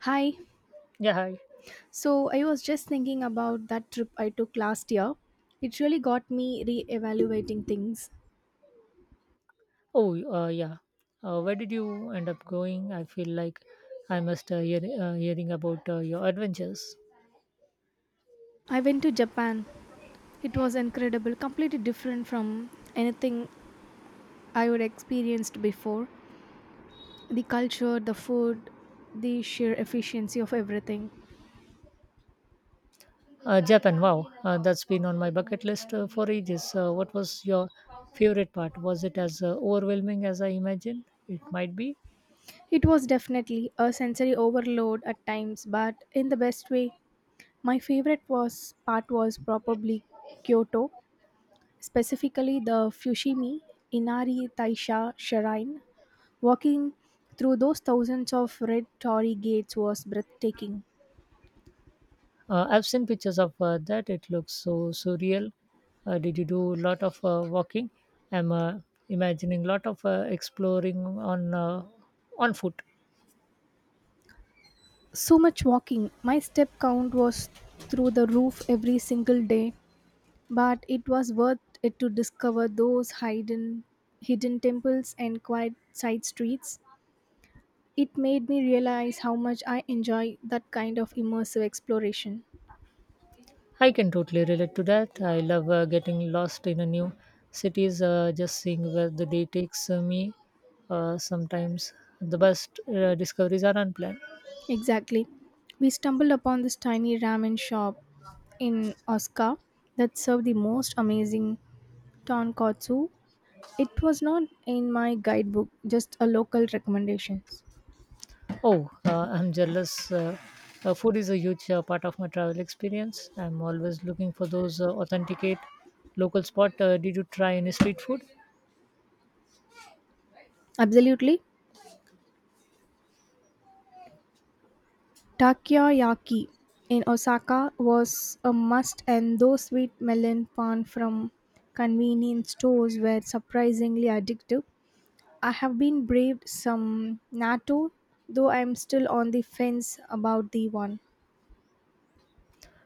Hi. Yeah, hi. So I was just thinking about that trip I took last year. It really got me re-evaluating things. Oh, yeah. Where did you end up going? I feel like I must hearing about your adventures. I went to Japan. It was incredible, completely different from anything I would experienced before. The culture, the food, the sheer efficiency of everything. Japan, wow. That's been on my bucket list for ages. What was your favorite part? Was it as overwhelming as I imagined it might be? It was definitely a sensory overload at times, but in the best way. My favorite was part was probably Kyoto, specifically the Fushimi Inari Taisha Shrine. Walking through those thousands of red torii gates was breathtaking. I've seen pictures of that. It looks so surreal. Did you do a lot of walking? I'm imagining a lot of exploring on foot. So much walking. My step count was through the roof every single day, but it was worth it to discover those hidden temples and quiet side streets. It made me realize how much I enjoy that kind of immersive exploration. I can totally relate to that. I love getting lost in a new cities, just seeing where the day takes me. Sometimes the best discoveries are unplanned. Exactly. We stumbled upon this tiny ramen shop in Osaka that served the most amazing tonkatsu. It was not in my guidebook, just a local recommendations. Oh, I'm jealous. Food is a huge part of my travel experience. I'm always looking for those authenticate local spot. Did you try any street food? Absolutely. Takoyaki in Osaka was a must and those sweet melon pan from convenience stores were surprisingly addictive. I have been braved some natto though I am still on the fence about the one.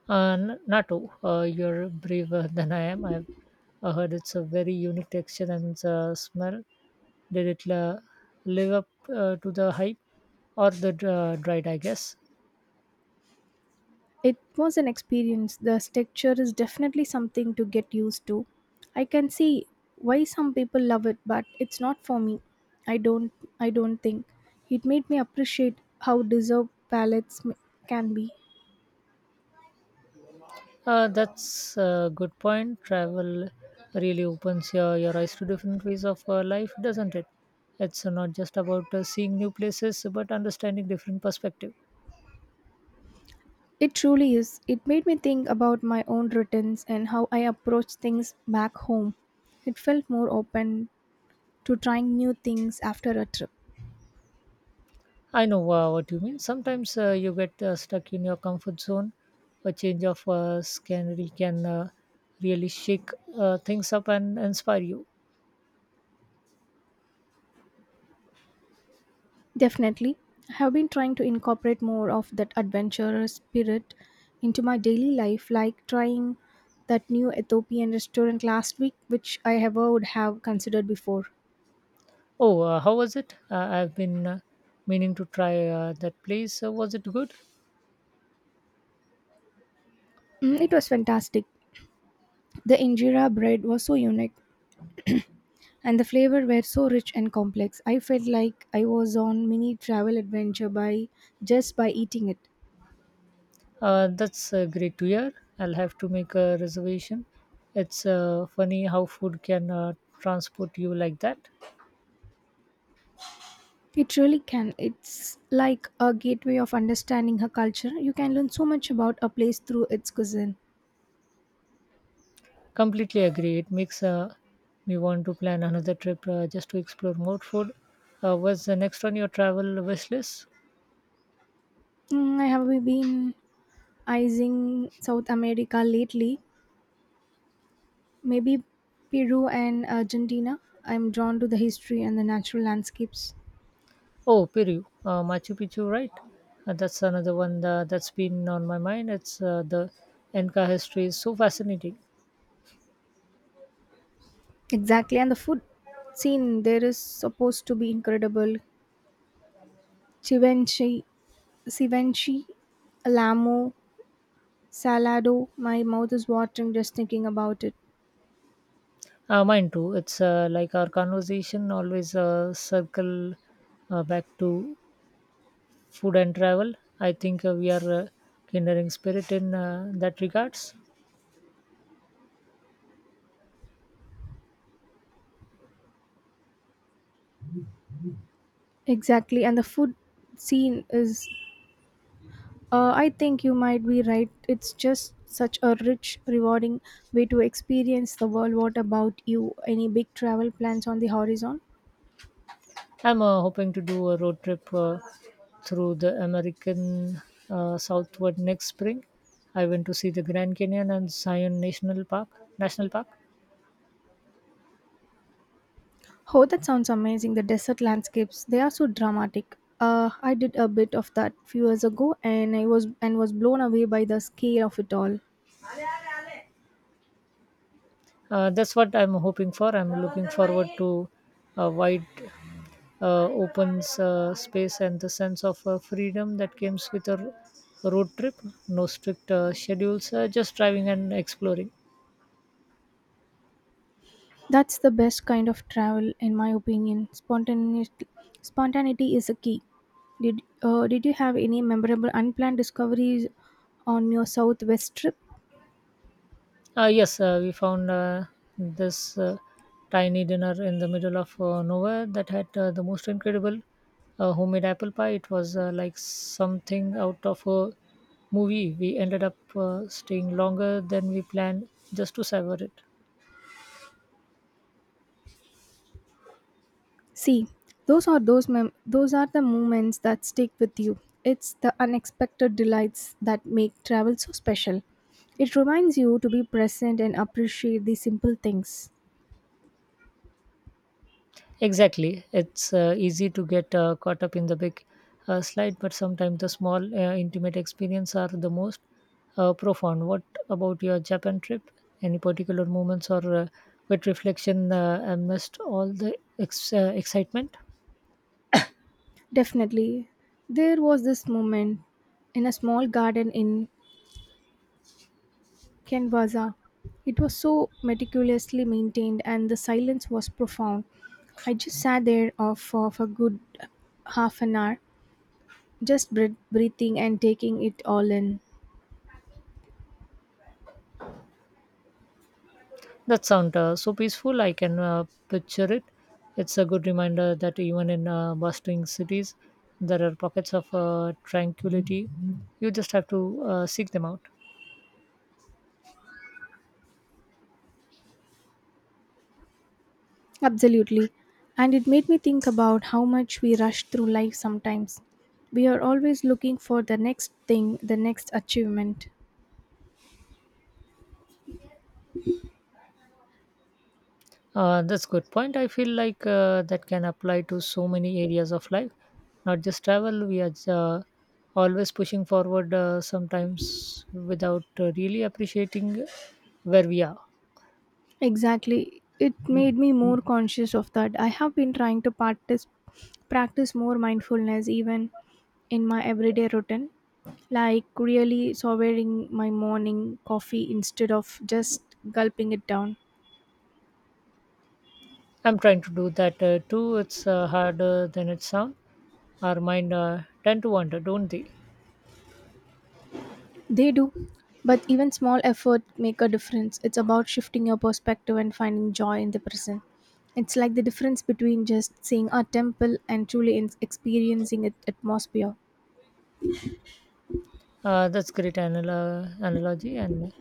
Natto, you're braver than I am. I've heard it's a very unique texture and smell. Did it la- live up to the hype or the dread, I guess? It was an experience. The texture is definitely something to get used to. I can see why some people love it, but it's not for me. I don't I don't think. It made me appreciate how deserved can be. That's a good point. Travel really opens your eyes to different ways of life, doesn't it? It's not just about seeing new places, but understanding different perspective. It truly is. It made me think about my own routines and how I approach things back home. It felt more open to trying new things after a trip. I know what you mean. Sometimes you get stuck in your comfort zone. A change of scenery can really shake things up and inspire you. Definitely. I have been trying to incorporate more of that adventurous spirit into my daily life, like trying that new Ethiopian restaurant last week, which I ever would have considered before. Oh, how was it? I've been meaning to try that place. Was it good? Mm, it was fantastic. The injera bread was so unique, and the flavor were so rich and complex. I felt like I was on mini travel adventure by just by eating it. That's great to hear. I'll have to make a reservation. It's funny how food can transport you like that. It really can. It's like a gateway of understanding her culture. You can learn so much about a place through its cuisine. Completely agree. It makes me want to plan another trip just to explore more food. What's the next on your travel wish list? Mm, I have been eyeing South America lately, maybe Peru and Argentina. I'm drawn to the history and the natural landscapes. Oh, Peru, Machu Picchu, right? That's another one that's been on my mind. It's the Inca history is so fascinating. Exactly, and the food scene there is supposed to be incredible. Chivenchi, Sivenchi, Alamo, Salado. My mouth is watering just thinking about it. Mine too. It's like our conversation always circle back to food and travel. I think we are kindering spirit in that regards. Exactly, and the food scene is I think you might be right. It's just such a rich, rewarding way to experience the world. What about you? Any big travel plans on the horizon? I'm hoping to do a road trip through the American Southward next spring. I went to see the Grand Canyon and Zion National Park. Oh, that sounds amazing. The desert landscapes, they are so dramatic. I did a bit of that few years ago and I was and was blown away by the scale of it all. That's what I'm hoping for. I'm looking forward to a wide opens space and the sense of freedom that comes with a road trip. No strict schedules, just driving and exploring. That's the best kind of travel in my opinion. Spontaneity is a key. Did you have any memorable unplanned discoveries on your southwest trip? Yes, we found this tiny dinner in the middle of nowhere that had the most incredible homemade apple pie. It was like something out of a movie. We ended up staying longer than we planned just to savor it. See, those are the moments that stick with you. It's the unexpected delights that make travel so special. It reminds you to be present and appreciate the simple things. Exactly. It's easy to get caught up in the big slide, but sometimes the small, intimate experience are the most profound. What about your Japan trip? Any particular moments or quick reflection amidst all the excitement? Definitely, there was this moment in a small garden in Kenwaza. It was so meticulously maintained and the silence was profound. I just sat there for a good half an hour, just breathing and taking it all in. That sound so peaceful. I can picture it. It's a good reminder that even in bustling cities, there are pockets of tranquility. You just have to seek them out. Absolutely. And it made me think about how much we rush through life sometimes. We are always looking for the next thing, the next achievement. That's good point. I feel like that can apply to so many areas of life, not just travel. We are always pushing forward, sometimes without really appreciating where we are. Exactly. It made me more conscious of that. I have been trying to practice more mindfulness even in my everyday routine, like really savoring my morning coffee instead of just gulping it down. I'm trying to do that too. It's harder than it sounds. Our mind tend to wander, don't they? They do, but even small effort make a difference. It's about shifting your perspective and finding joy in the present. It's like the difference between just seeing a temple and truly experiencing its atmosphere. That's great analogy, and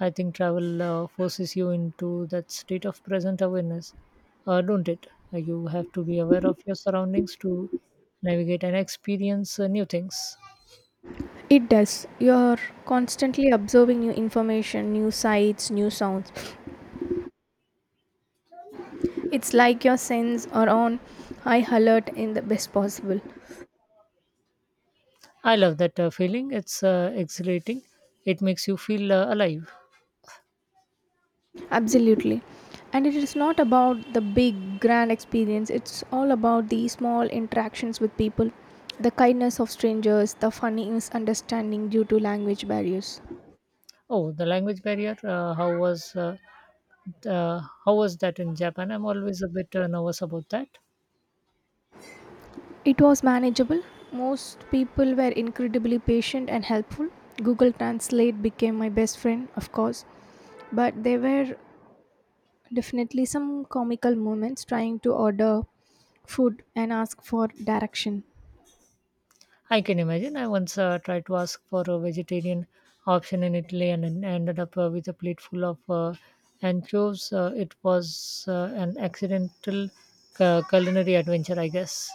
I think travel forces you into that state of present awareness, don't it? You have to be aware of your surroundings to navigate and experience new things. It does. You're constantly observing new information, new sights, new sounds. It's like your senses are on high alert in the best possible. I love that feeling. It's exhilarating. It makes you feel alive. Absolutely. And it is not about the big, grand experience, it's all about the small interactions with people, the kindness of strangers, the funny misunderstanding due to language barriers. Oh, the language barrier. How was that in Japan? I'm always a bit nervous about that. It was manageable. Most people were incredibly patient and helpful. Google Translate became my best friend, of course, but there were definitely some comical moments trying to order food and ask for direction. I can imagine. I once tried to ask for a vegetarian option in Italy and ended up with a plate full of anchovies. It was an accidental culinary adventure, I guess.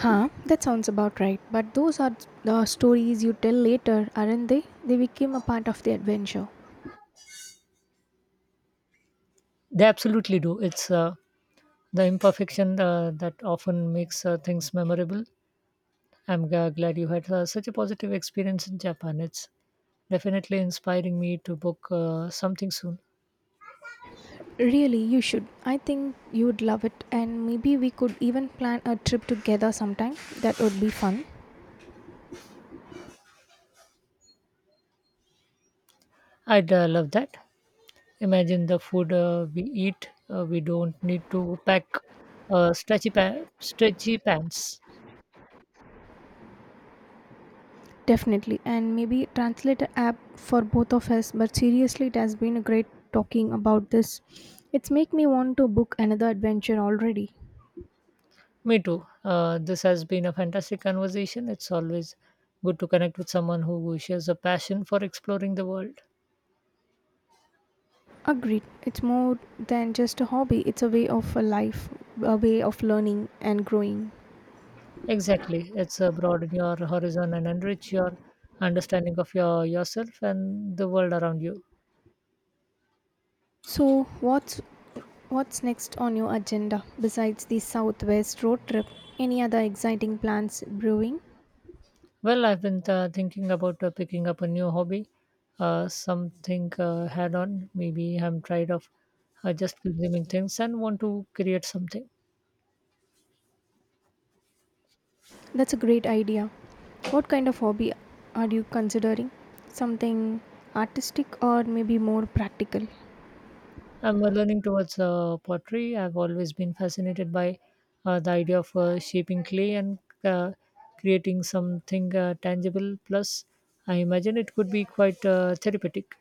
Huh, that sounds about right. But those are the stories you tell later, aren't they? They became a part of the adventure. They absolutely do. It's the imperfection that often makes things memorable. I'm glad you had such a positive experience in Japan. It's definitely inspiring me to book something soon. Really, you should. I think you would love it, and maybe we could even plan a trip together sometime. That would be fun. I'd love that. Imagine the food we eat. We don't need to pack stretchy pants. Definitely. And maybe translator app for both of us. But seriously, it has been a great talking about this. It's make me want to book another adventure already. Me too. This has been a fantastic conversation. It's always good to connect with someone who shares a passion for exploring the world. Agreed. It's more than just a hobby. It's a way of a life, a way of learning and growing. Exactly. It's broaden your horizon and enrich your understanding of yourself and the world around you. So, what's what's next on your agenda besides the Southwest road trip? Any other exciting plans brewing? Well, I've been thinking about picking up a new hobby, something had on. Maybe I'm tired of just consuming things and want to create something. That's a great idea. What kind of hobby are you considering? Something artistic or maybe more practical? I'm learning towards pottery. I've always been fascinated by the idea of shaping clay and uh, creating something tangible. Plus, I imagine it could be quite therapeutic.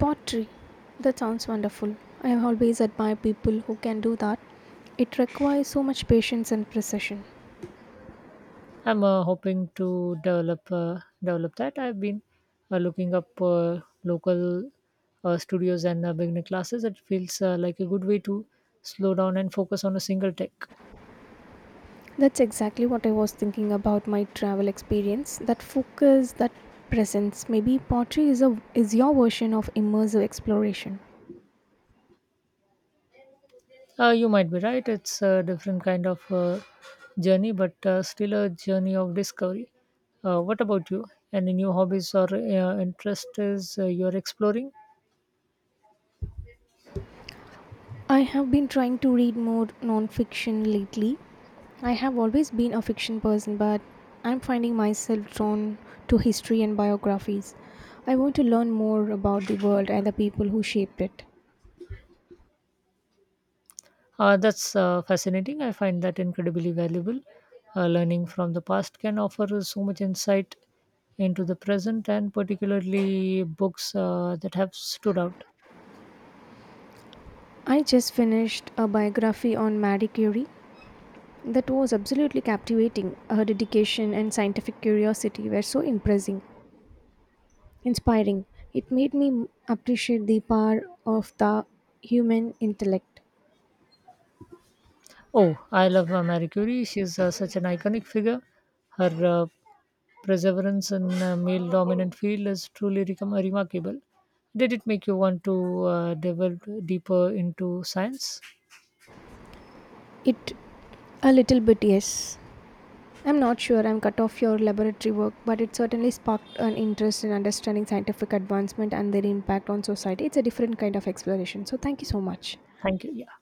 Pottery. That sounds wonderful. I have always admired people who can do that. It requires so much patience and precision. I'm hoping to develop that. I've been looking up local studios and beginner classes. It feels like a good way to slow down and focus on a single tech. That's exactly what I was thinking about my travel experience. That focus, that presence. Maybe pottery is your version of immersive exploration. You might be right. It's a different kind of journey, but still a journey of discovery. What about you? Any new hobbies or interests you're exploring? I have been trying to read more non-fiction lately. I have always been a fiction person, but I'm finding myself drawn to history and biographies. I want to learn more about the world and the people who shaped it. That's fascinating. I find that incredibly valuable. Learning from the past can offer us so much insight into the present, and particularly books that have stood out. I just finished a biography on Marie Curie. That was absolutely captivating. Her dedication and scientific curiosity were so impressing, inspiring. It made me appreciate the power of the human intellect. Oh, I love Marie Curie. She's such an iconic figure. Her perseverance in a male dominant field is truly remarkable. Did it make you want to delve deeper into science? It a little bit, yes. I'm not sure I'm cut off your laboratory work, but it certainly sparked an interest in understanding scientific advancement and their impact on society. It's a different kind of exploration. So thank you so much. Thank you. Yeah.